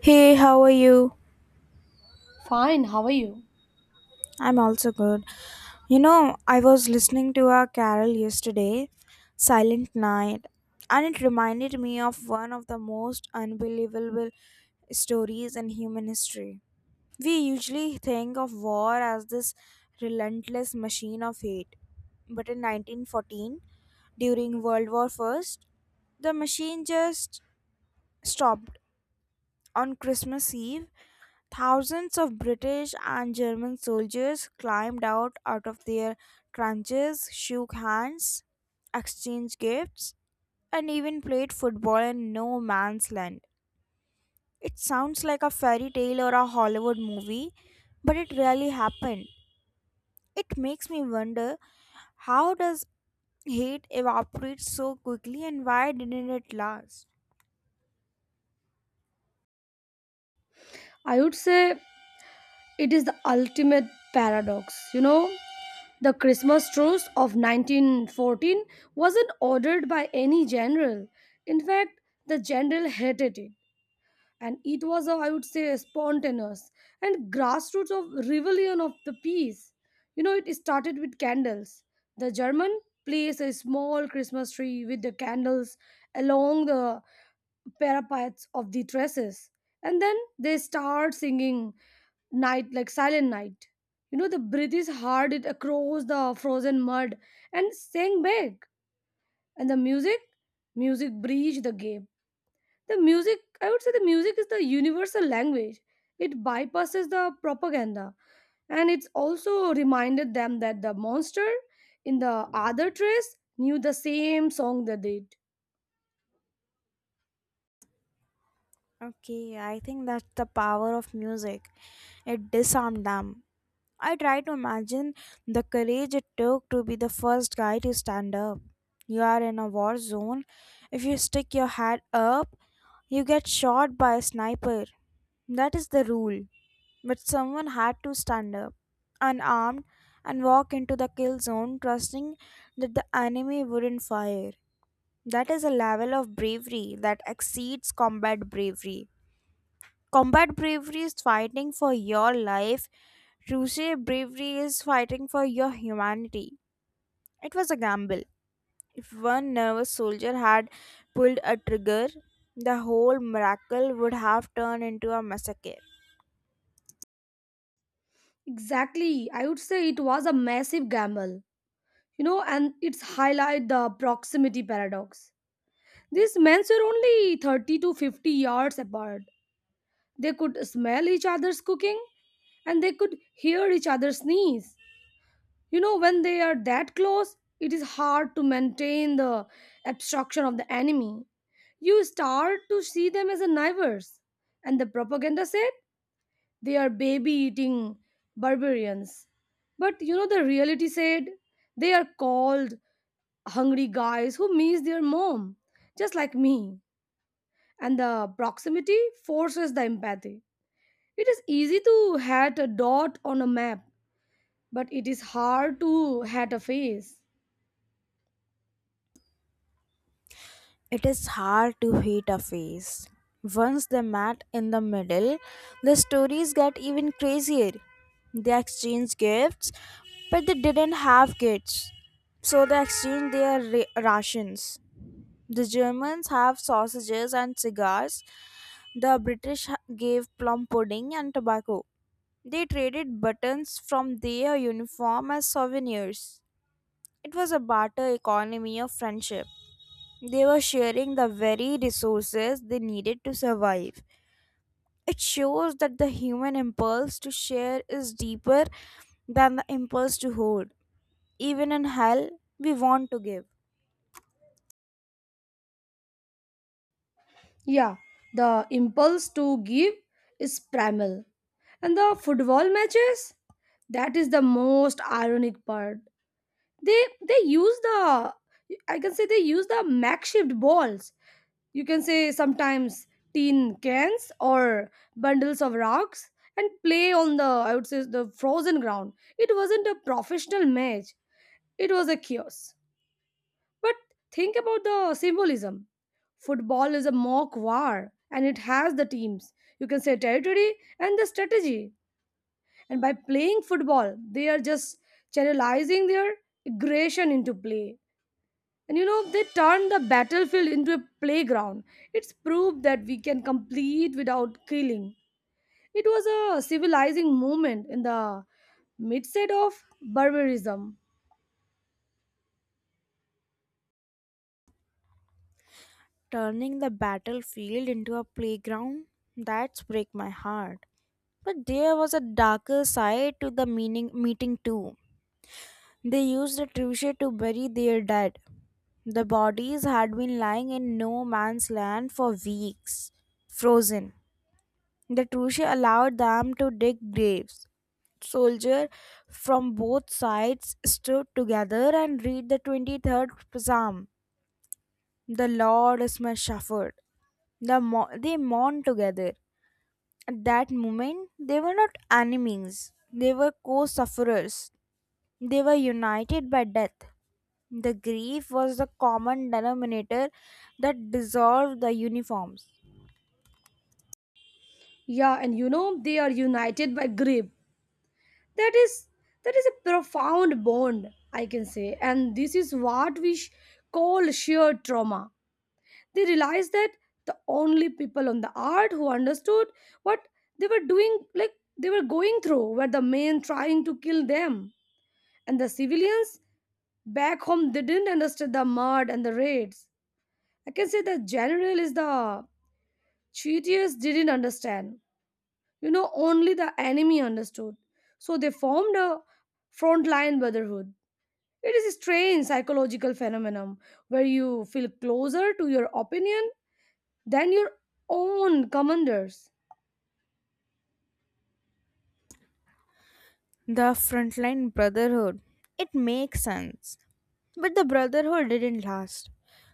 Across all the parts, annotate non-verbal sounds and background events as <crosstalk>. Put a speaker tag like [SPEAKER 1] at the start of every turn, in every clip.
[SPEAKER 1] Hey, how are you?
[SPEAKER 2] Fine, how are you?
[SPEAKER 1] I'm also good. You know, I was listening to a carol yesterday, Silent Night, and it reminded me of one of the most unbelievable stories in human history. We usually think of war as this relentless machine of hate, but in 1914, during World War I, the machine just stopped on Christmas Eve. Thousands of British and German soldiers climbed out of their trenches, shook hands, exchanged gifts, and even played football in no man's land. It sounds like a fairy tale or a Hollywood movie, but it really happened. It makes me wonder, how does hate evaporate so quickly and why didn't it last?
[SPEAKER 2] I would say it is the ultimate paradox. You know, the Christmas truce of 1914 wasn't ordered by any general. In fact, the general hated it. And it was a I would say spontaneous and grassroots of rebellion of the peace. You know, it started with candles. The German placed a small Christmas tree with the candles along the parapets of the terraces. And then they start singing, night like silent night. You know, the British heard it across the frozen mud and sang back. And the music breached the gap. I would say the music is the universal language. It bypasses the propaganda, and it's also reminded them that the monster in the other trace knew the same song they did.
[SPEAKER 1] Okay, I think that's the power of music. It disarmed them. I try to imagine the courage it took to be the first guy to stand up. You are in a war zone. If you stick your head up, you get shot by a sniper. That is the rule. But someone had to stand up, unarmed, and walk into the kill zone, trusting that the enemy wouldn't fire. That is a level of bravery that exceeds combat bravery. Combat bravery is fighting for your life. True bravery is fighting for your humanity. It was a gamble. If one nervous soldier had pulled a trigger, the whole miracle would have turned into a massacre.
[SPEAKER 2] Exactly, I would say it was a massive gamble, you know, and it's highlight the proximity paradox. These men were only 30 to 50 yards apart. They could smell each other's cooking, and they could hear each other sneeze. You know, when they are that close, it is hard to maintain the abstraction of the enemy. You start to see them as a neighbors. And the propaganda said they are baby eating barbarians. But you know, the reality said they are called hungry guys who miss their mom, just like me. And the proximity forces the empathy. It is easy to hat a dot on a map, but it is hard to hat a face.
[SPEAKER 1] It is hard to hate a face. Once they met in the middle, the stories get even crazier. They exchanged gifts, but they didn't have kids. So they exchanged their rations. The Germans have sausages and cigars. The British gave plum pudding and tobacco. They traded buttons from their uniform as souvenirs. It was a barter economy of friendship. They were sharing the very resources they needed to survive. It shows that the human impulse to share is deeper than the impulse to hoard. Even in hell, we want to give.
[SPEAKER 2] Yeah, the impulse to give is primal. And the football matches, that is the most ironic part. They use the I can say they use the makeshift balls. You can say sometimes tin cans or bundles of rocks, and play on the, I would say, the frozen ground. It wasn't a professional match. It was a chaos. But think about the symbolism. Football is a mock war, and it has the teams. You can say territory and the strategy. And by playing football, they are just channelizing their aggression into play. And you know, they turn the battlefield into a playground. It's proof that we can complete without killing. It was a civilizing moment in the midst of barbarism.
[SPEAKER 1] Turning the battlefield into a playground, that's break my heart. But there was a darker side to the meaning meeting too. They used a trebuchet to bury their dead. The bodies had been lying in no man's land for weeks, frozen. The trebuchet allowed them to dig graves. Soldiers from both sides stood together and read the 23rd psalm. The Lord is my shepherd. They mourned together. At that moment, they were not enemies, they were co sufferers. They were united by death. The grief was the common denominator that dissolved the uniforms.
[SPEAKER 2] Yeah, and you know, they are united by grief. that is that is a profound bond, I can say. And this is what we call shared trauma. They realized that the only people on the earth who understood what they were doing like they were going through were the men trying to kill them. And the civilians back home didn't understand the mud and the raids. I can say the general is the cheaters didn't understand. You know, only the enemy understood. So they formed a frontline brotherhood. It is a strange psychological phenomenon where you feel closer to your opinion than your own commanders.
[SPEAKER 1] The frontline brotherhood. It makes sense. But the brotherhood didn't last.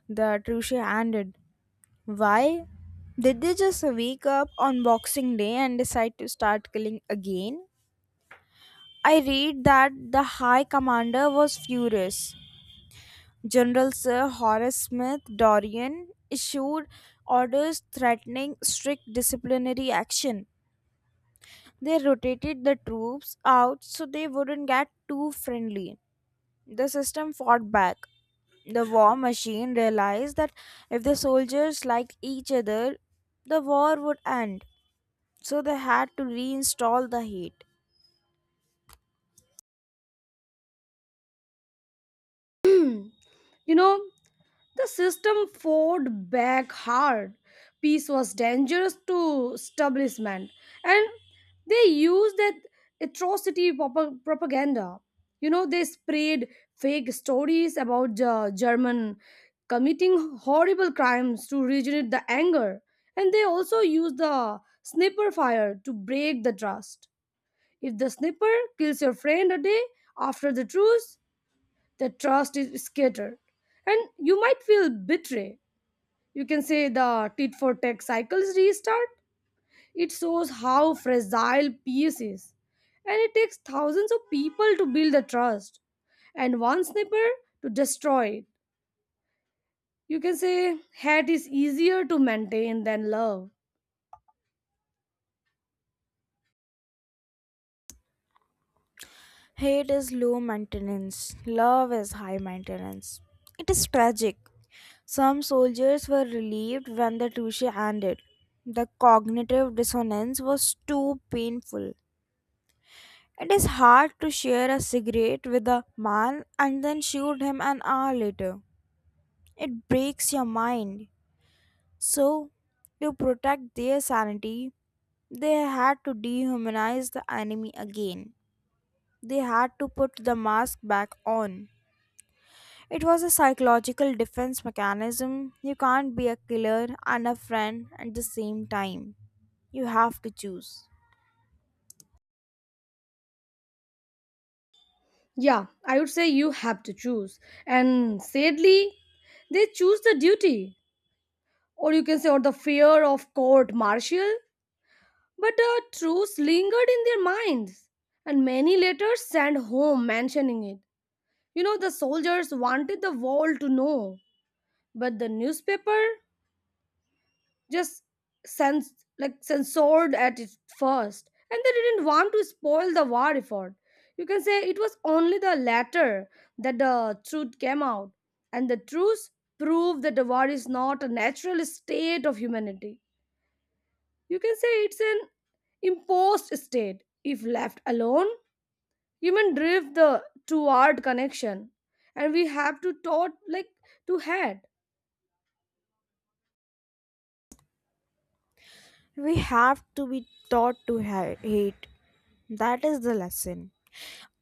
[SPEAKER 1] The truce ended. Why? Did they just wake up on Boxing Day and decide to start killing again? I read that the High Commander was furious. General Sir Horace Smith Dorian issued orders threatening strict disciplinary action. They rotated the troops out so they wouldn't get too friendly. The system fought back. The war machine realized that if the soldiers liked each other, the war would end. So they had to reinstall the hate.
[SPEAKER 2] <clears throat> You know, the system fought back hard. Peace was dangerous to establishment, and they used that atrocity propaganda. You know, they spread fake stories about the German committing horrible crimes to regenerate the anger, and they also used the sniper fire to break the trust. If the sniper kills your friend a day after the truce, the trust is scattered, and you might feel betrayed. You can say the tit for tat cycles restart. It shows how fragile peace is. And it takes thousands of people to build the trust, and one sniper to destroy it. You can say hate is easier to maintain than love.
[SPEAKER 1] Hate is low maintenance, love is high maintenance. It is tragic. Some soldiers were relieved when the Tushy ended. The cognitive dissonance was too painful. It is hard to share a cigarette with a man and then shoot him an hour later. It breaks your mind. So, to protect their sanity, they had to dehumanize the enemy again. They had to put the mask back on. It was a psychological defense mechanism. You can't be a killer and a friend at the same time. You have to choose.
[SPEAKER 2] Yeah, I would say you have to choose. And sadly, they choose the duty, or you can say, or the fear of court martial. But the truth lingered in their minds, and many letters sent home mentioning it. You know, the soldiers wanted the world to know, but the newspaper just like censored at it first, and they didn't want to spoil the war effort. You can say it was only the latter that the truth came out, and the truth proved that the war is not a natural state of humanity. You can say it's an imposed state. If left alone, human drift the toward connection, and we have to taught like to head.
[SPEAKER 1] We have to be taught to hate. That is the lesson.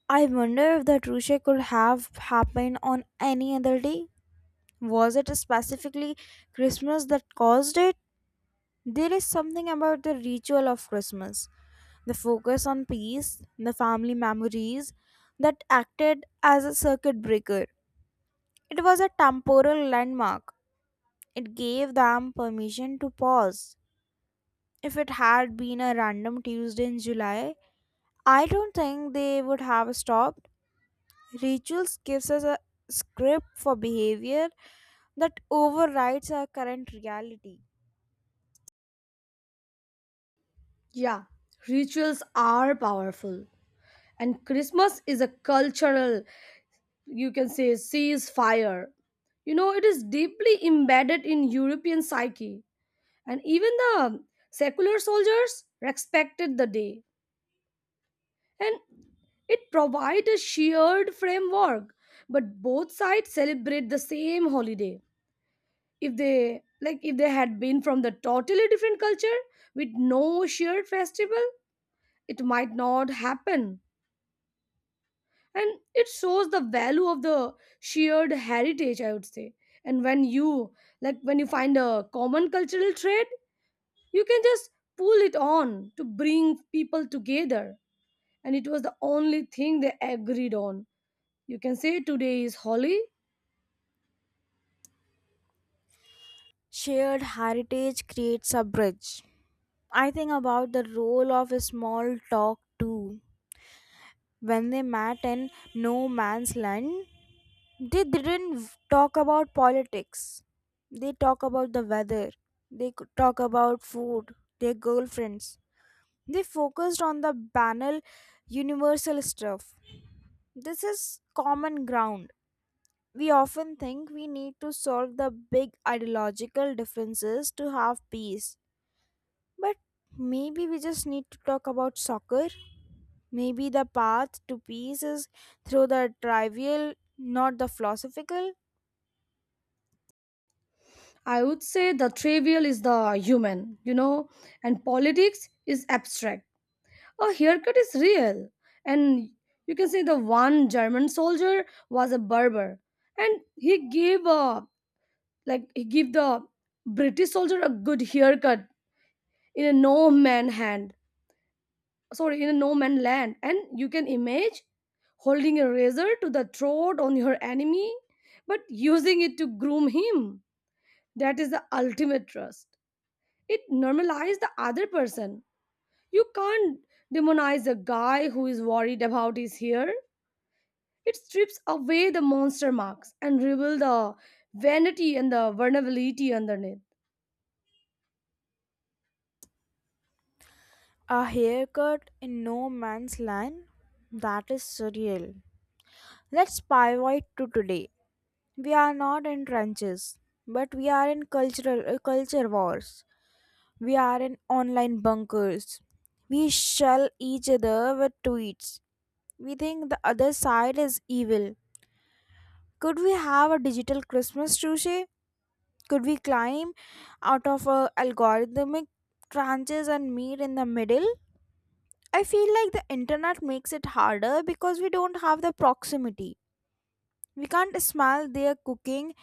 [SPEAKER 1] I wonder if that Rushe could have happened on any other day. Was it specifically Christmas that caused it? There is something about the ritual of Christmas, the focus on peace, the family memories, that acted as a circuit breaker. It was a temporal landmark. It gave them permission to pause. If it had been a random Tuesday in July, I don't think they would have stopped. Rituals gives us a script for behavior that overrides our current reality.
[SPEAKER 2] Yeah, rituals are powerful. And Christmas is a cultural, you can say, ceasefire. You know, it is deeply embedded in European psyche. And even the secular soldiers respected the day. And it provides a shared framework. But both sides celebrate the same holiday. If they had been from the totally different culture with no shared festival, it might not happen. And it shows the value of the shared heritage, I would say. And when you find a common cultural trait, you can just pull it on to bring people together. And it was the only thing they agreed on. You can say today is holy.
[SPEAKER 1] Shared heritage creates a bridge. I think about the role of small talk too. When they met in no man's land, they didn't talk about politics. They talk about the weather. They could talk about food, their girlfriends. They focused on the banal, universal stuff. This is common ground. We often think we need to solve the big ideological differences to have peace. But maybe we just need to talk about soccer. Maybe the path to peace is through the trivial, not the philosophical.
[SPEAKER 2] I would say the trivial is the human. You know, and politics is abstract. A haircut is real. And you can say the one German soldier was a barber, and he give the British soldier a good haircut in a no man hand in a no man land. And you can image holding a razor to the throat on your enemy, but using it to groom him. That is the ultimate trust. It normalizes the other person. You can't demonize a guy who is worried about his hair. It strips away the monster marks and reveal the vanity and the vulnerability underneath.
[SPEAKER 1] A haircut in no man's land? That is surreal. Let's pivot to today. We are not in trenches, but we are in cultural culture wars. We are in online bunkers. We shell each other with tweets. We think the other side is evil. Could we have a digital Christmas tree? Could we climb out of a algorithmic trenches and meet in the middle? I feel like the internet makes it harder because we don't have the proximity. We can't smell their cooking.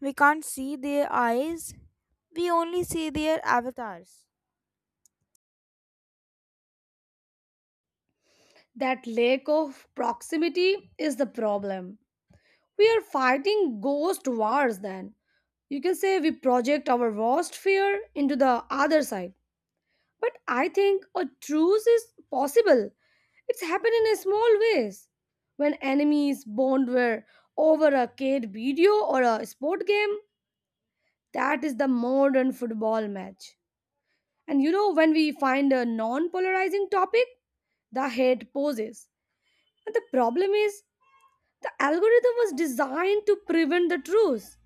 [SPEAKER 1] We can't see their eyes. We only see their avatars.
[SPEAKER 2] That lack of proximity is the problem. We are fighting ghost wars then. You can say we project our worst fear into the other side. But I think a truce is possible. It's happened in a small ways. When enemies bond were over a kid video or a sport game, that is the modern football match. And you know, when we find a non polarizing topic, the hate poses. And the problem is, the algorithm was designed to prevent the truce,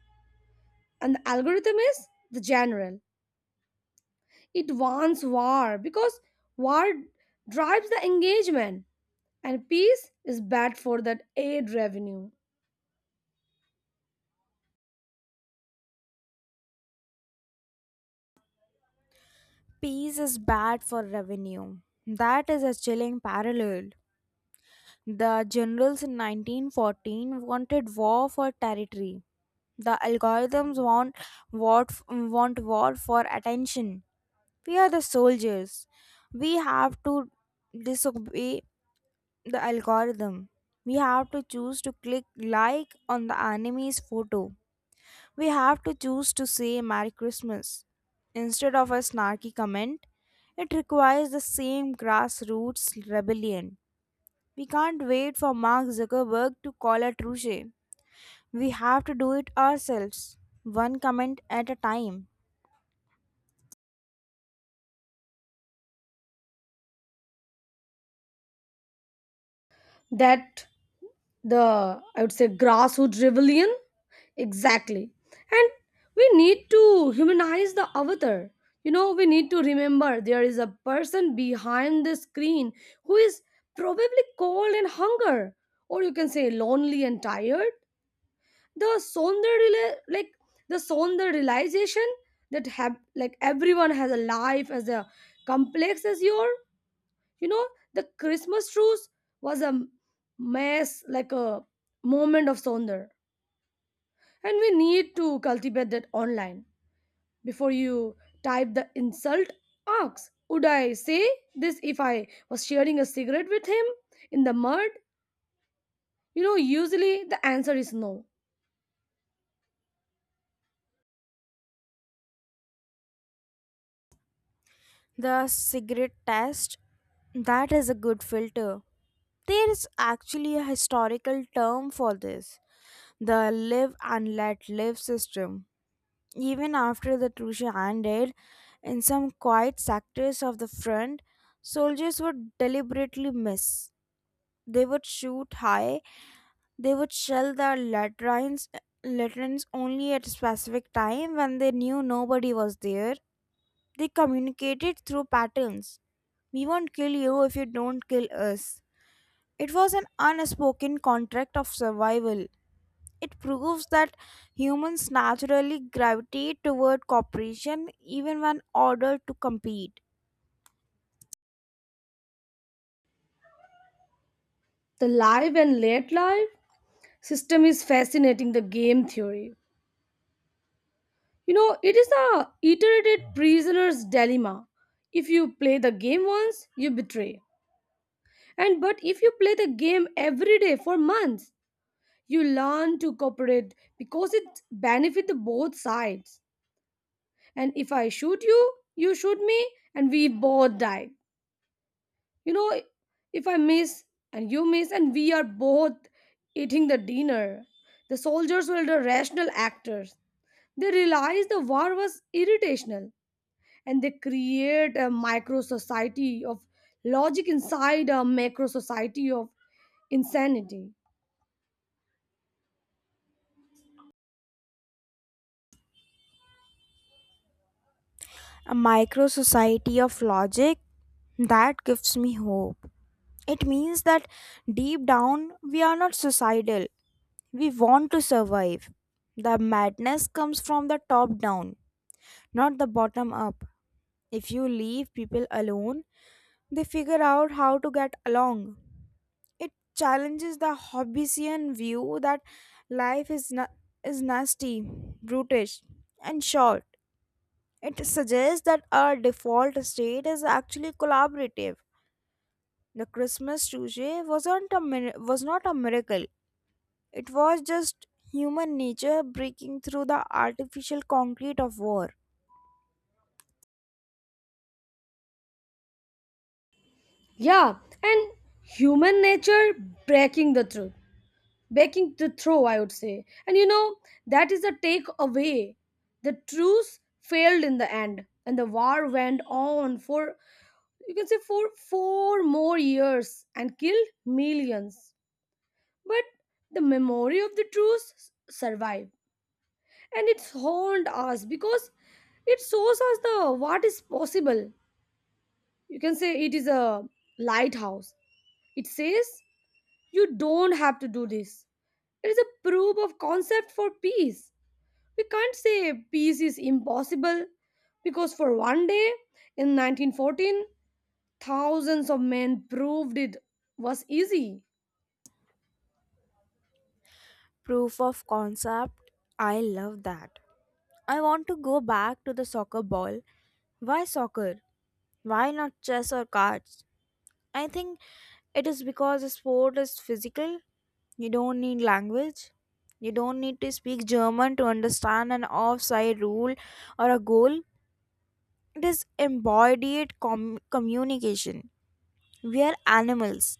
[SPEAKER 2] and the algorithm is the general. It wants war because war drives the engagement, and peace is bad for that aid revenue.
[SPEAKER 1] Peace is bad for revenue. That is a chilling parallel. The generals in 1914 wanted war for territory. The algorithms want war for attention. We are the soldiers. We have to disobey the algorithm. We have to choose to click like on the enemy's photo. We have to choose to say Merry Christmas instead of a snarky comment. It requires the same grassroots rebellion. We can't wait for Mark Zuckerberg to call a touche. We have to do it ourselves, one comment at a time.
[SPEAKER 2] That the I would say grassroots rebellion. Exactly. And we need to humanize the avatar. You know, we need to remember there is a person behind the screen who is probably cold and hunger, or you can say lonely and tired. The sonder like the sonder realization that have like everyone has a life as a complex as your. You know, the Christmas truce was a mess like a moment of sonder, and we need to cultivate that online. Before you type the insult, ask, would I say this if I was sharing a cigarette with him in the mud? You know, usually the answer is no.
[SPEAKER 1] The cigarette test, that is a good filter. There is actually a historical term for this, the live and let live system. Even after the Trucia ended, in some quiet sectors of the front, soldiers would deliberately miss. They would shoot high, they would shell the latrines, latrines only at a specific time when they knew nobody was there. They communicated through patterns. We won't kill you if you don't kill us. It was an unspoken contract of survival. It proves that humans naturally gravitate toward cooperation even when ordered to compete.
[SPEAKER 2] The live and late life system is fascinating the game theory. You know, it is a iterated prisoner's dilemma. If you play the game once, you betray. And but if you play the game every day for months, you learn to cooperate because it benefits both sides. And if I shoot you shoot me, and we both die. You know, if I miss and you miss, and we are both eating the dinner. The soldiers were the rational actors. They realized the war was irritational, and they create a micro society of logic inside a macro society of insanity.
[SPEAKER 1] A micro society of logic, that gives me hope. It means that deep down we are not suicidal, we want to survive. The madness comes from the top down, not the bottom up. If you leave people alone, they figure out how to get along. It challenges the Hobbesian view that life is nasty, brutish, and short. It suggests that our default state is actually collaborative. The Christmas touche was not a miracle. It was just human nature breaking through the artificial concrete of war.
[SPEAKER 2] Yeah, and human nature breaking the truth, breaking the throw, I would say. And you know, that is the take away. The truce failed in the end, and the war went on for you can say for four more years, and killed millions. But the memory of the truce survived, and it's haunted us because it shows us the what is possible. You can say it is a lighthouse. It says, you don't have to do this. It is a proof of concept for peace. We can't say peace is impossible because for one day in 1914, thousands of men proved it was easy.
[SPEAKER 1] Proof of concept. I love that. I want to go back to the soccer ball. Why soccer? Why not chess or cards? I think it is because sport is physical. You don't need language. You don't need to speak German to understand an offside rule or a goal. It is embodied communication. We are animals.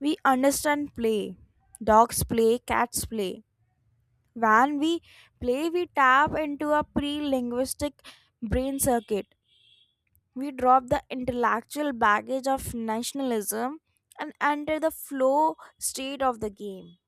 [SPEAKER 1] We understand play. Dogs play, cats play. When we play, we tap into a pre linguistic brain circuit. We drop the intellectual baggage of nationalism and enter the flow state of the game.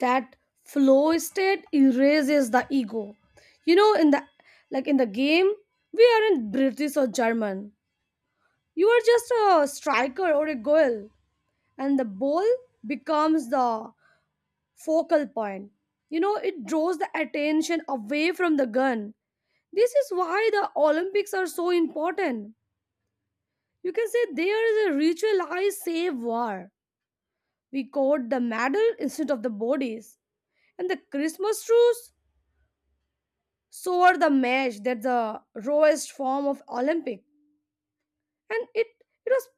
[SPEAKER 2] That flow state erases the ego. You know, in the game, we aren't British or German. You are just a striker or a goal, and the ball becomes the focal point. You know, it draws the attention away from the gun. This is why the Olympics are so important. You can say there is a ritualized save war. We caught the medal instead of the bodies. And the Christmas truce, so are the mesh, that's the rawest form of Olympic. And it was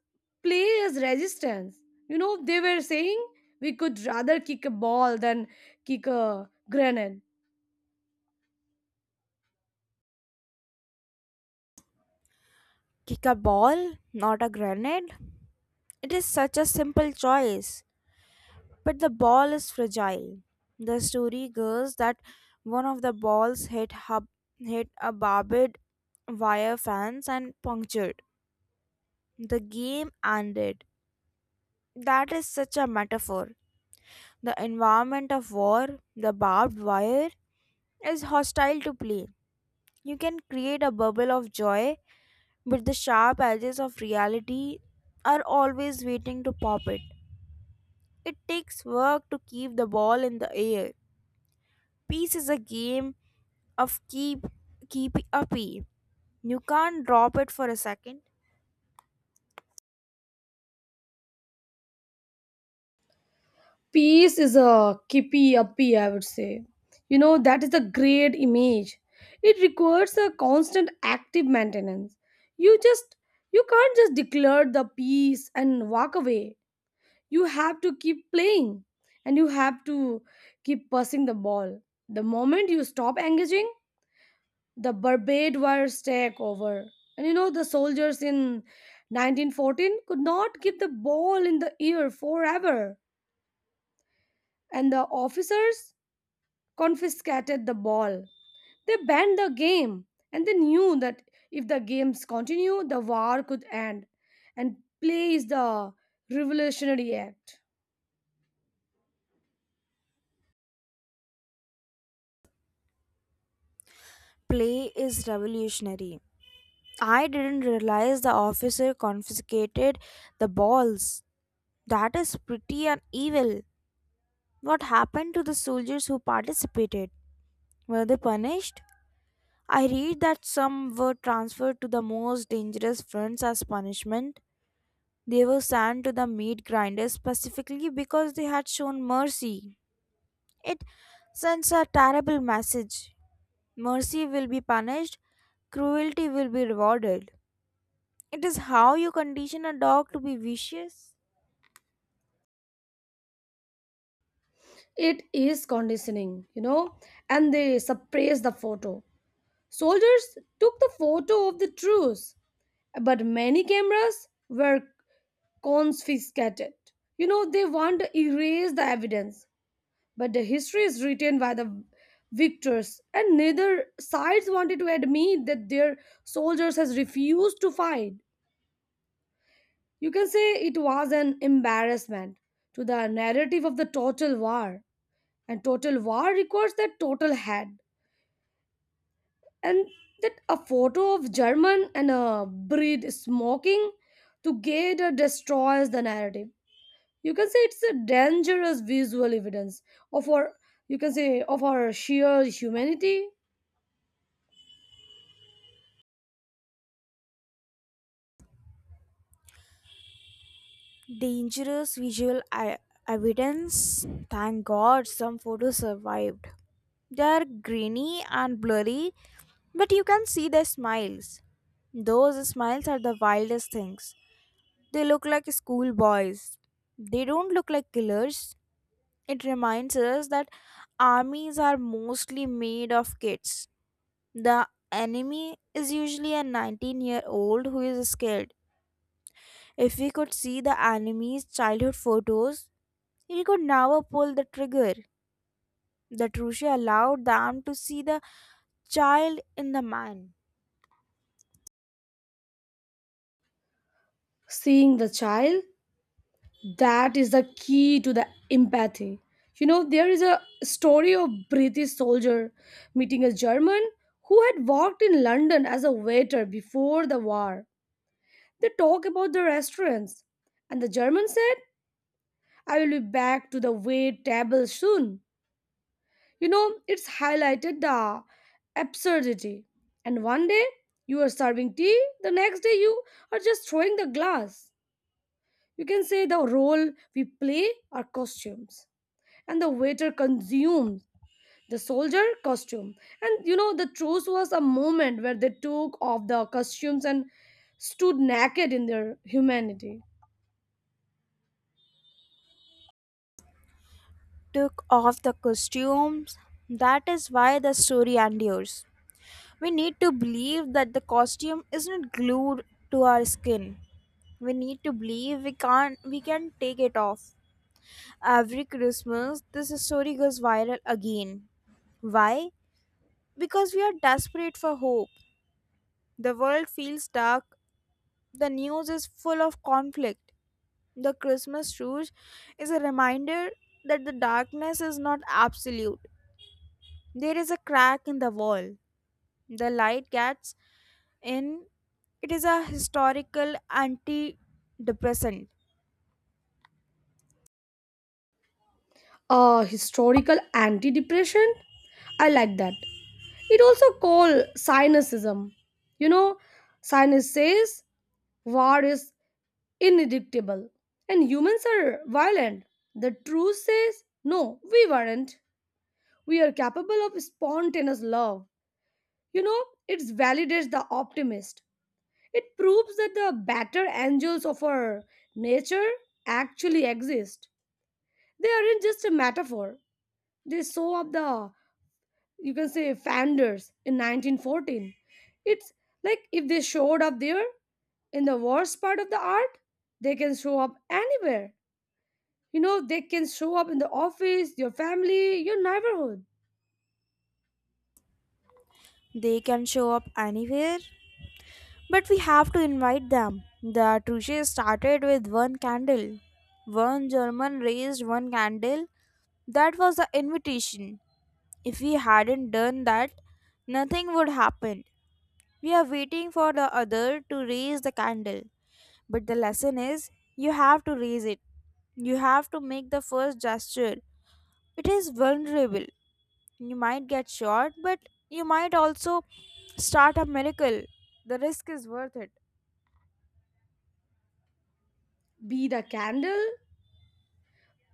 [SPEAKER 2] play as resistance. You know, they were saying we could rather kick a ball than kick a grenade.
[SPEAKER 1] Kick a ball, not a grenade. It is such a simple choice, but the ball is fragile. The story goes that one of the balls hit a barbed wire fence and punctured. The game ended. That is such a metaphor. The environment of war, the barbed wire, is hostile to play. You can create a bubble of joy, but the sharp edges of reality are always waiting to pop it. It takes work to keep the ball in the air. Peace is a game of keep uppy. You can't drop it for a second.
[SPEAKER 2] Peace is a kippy uppy, I would say. You know, that is a great image. It requires a constant active maintenance. You just you can't just declare the peace and walk away. You have to keep playing, and you have to keep passing the ball. The moment you stop engaging, the Barbade wires take over. And you know, the soldiers in 1914 could not keep the ball in the air forever. And the officers confiscated the ball. They banned the game, and they knew that if the games continue, the war could end. And play is the revolutionary act.
[SPEAKER 1] Play is revolutionary. I didn't realize the officer confiscated the balls. That is pretty and evil. What happened to the soldiers who participated? Were they punished? I read that some were transferred to the most dangerous fronts as punishment. They were sent to the meat grinders specifically because they had shown mercy. It sends a terrible message. Mercy will be punished, cruelty will be rewarded. It is how you condition a dog to be vicious.
[SPEAKER 2] It is conditioning, and they suppressed the photo. Soldiers took the photo of the truce, but many cameras were confiscated. You know, they want to erase the evidence. But the history is written by the victors, and neither sides wanted to admit that their soldiers has refused to fight. You can say it was an embarrassment to the narrative of the total war. And total war requires that total head. And that a photo of German and a breed smoking together destroys the narrative. You can say it's a dangerous visual evidence of our you can say of our sheer humanity.
[SPEAKER 1] Dangerous visual evidence. Thank God some photos survived. They are grainy and blurry, but you can see their smiles. Those smiles are the wildest things. They look like schoolboys. They don't look like killers. It reminds us that armies are mostly made of kids. The enemy is usually a 19-year-old who is scared. If we could see the enemy's childhood photos, we could never pull the trigger. The Trusha allowed them to see the child in the man.
[SPEAKER 2] Seeing the child, that is the key to the empathy. You know, there is a story of British soldier meeting a German who had worked in London as a waiter before the war. They talk about the restaurants, and the German said, I will be back to the wait table soon. You know, it's highlighted the absurdity. And one day you are serving tea, the next day you are just throwing the glass. You can say the role we play are costumes, and the waiter consumes the soldier costume. And you know, the truce was a moment where they took off the costumes and stood naked in their humanity.
[SPEAKER 1] Took off the costumes. That is why the story endures. We need to believe that the costume isn't glued to our skin. We need to believe we can't we can take it off. Every Christmas this story goes viral again. Why? Because we are desperate for hope. The world feels dark. The news is full of conflict. The Christmas Rouge is a reminder that the darkness is not absolute. There is a crack in the wall. The light gets in. It is a historical antidepressant.
[SPEAKER 2] A historical anti depression? I like that. It also called cynicism. You know, cynic says war is inevitable and humans are violent. The truth says no, we weren't. We are capable of spontaneous love. You know, it validates the optimist. It proves that the better angels of our nature actually exist. They aren't just a metaphor. They show up the, you can say, founders in 1914. It's like if they showed up there in the worst part of the art, they can show up anywhere. You know, they can show up in the office, your family, your neighborhood.
[SPEAKER 1] They can show up anywhere, but we have to invite them. The Truche started with one candle. One German raised one candle. That was the invitation. If we hadn't done that, nothing would happen. We are waiting for the other to raise the candle. But the lesson is, you have to raise it. You have to make the first gesture. It is vulnerable. You might get shot, but you might also start a miracle. The risk is worth it.
[SPEAKER 2] Be the candle.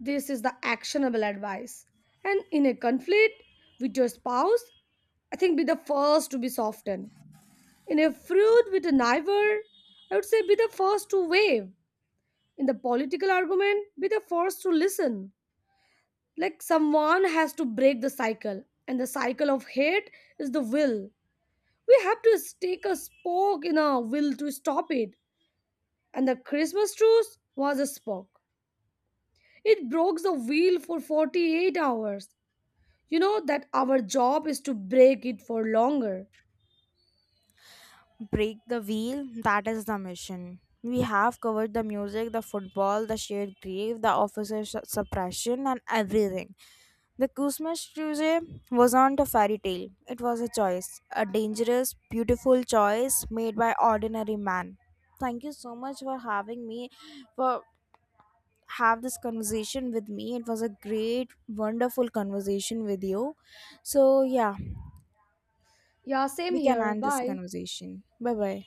[SPEAKER 2] This is the actionable advice. And in a conflict with your spouse, I think be the first to be softened. In a feud with a neighbor, I would say be the first to wave. In the political argument, be the first to listen. Like, someone has to break the cycle, and the cycle of hate is the will. We have to stake a spoke in our will to stop it. And the Christmas truce was a spoke. It broke the wheel for 48 hours. You know that our job is to break it for longer.
[SPEAKER 1] Break the wheel, that is the mission. We have covered the music, the football, the shared grave, the officer suppression, and everything. The Christmas Kusumastruje wasn't a fairy tale, it was a choice, a dangerous, beautiful choice made by ordinary man. Thank you so much for having me, for have this conversation with me. It was a great, wonderful conversation with you. So yeah,
[SPEAKER 2] Yeah,
[SPEAKER 1] we
[SPEAKER 2] same
[SPEAKER 1] can
[SPEAKER 2] here.
[SPEAKER 1] end this
[SPEAKER 2] Bye.
[SPEAKER 1] conversation. Bye bye.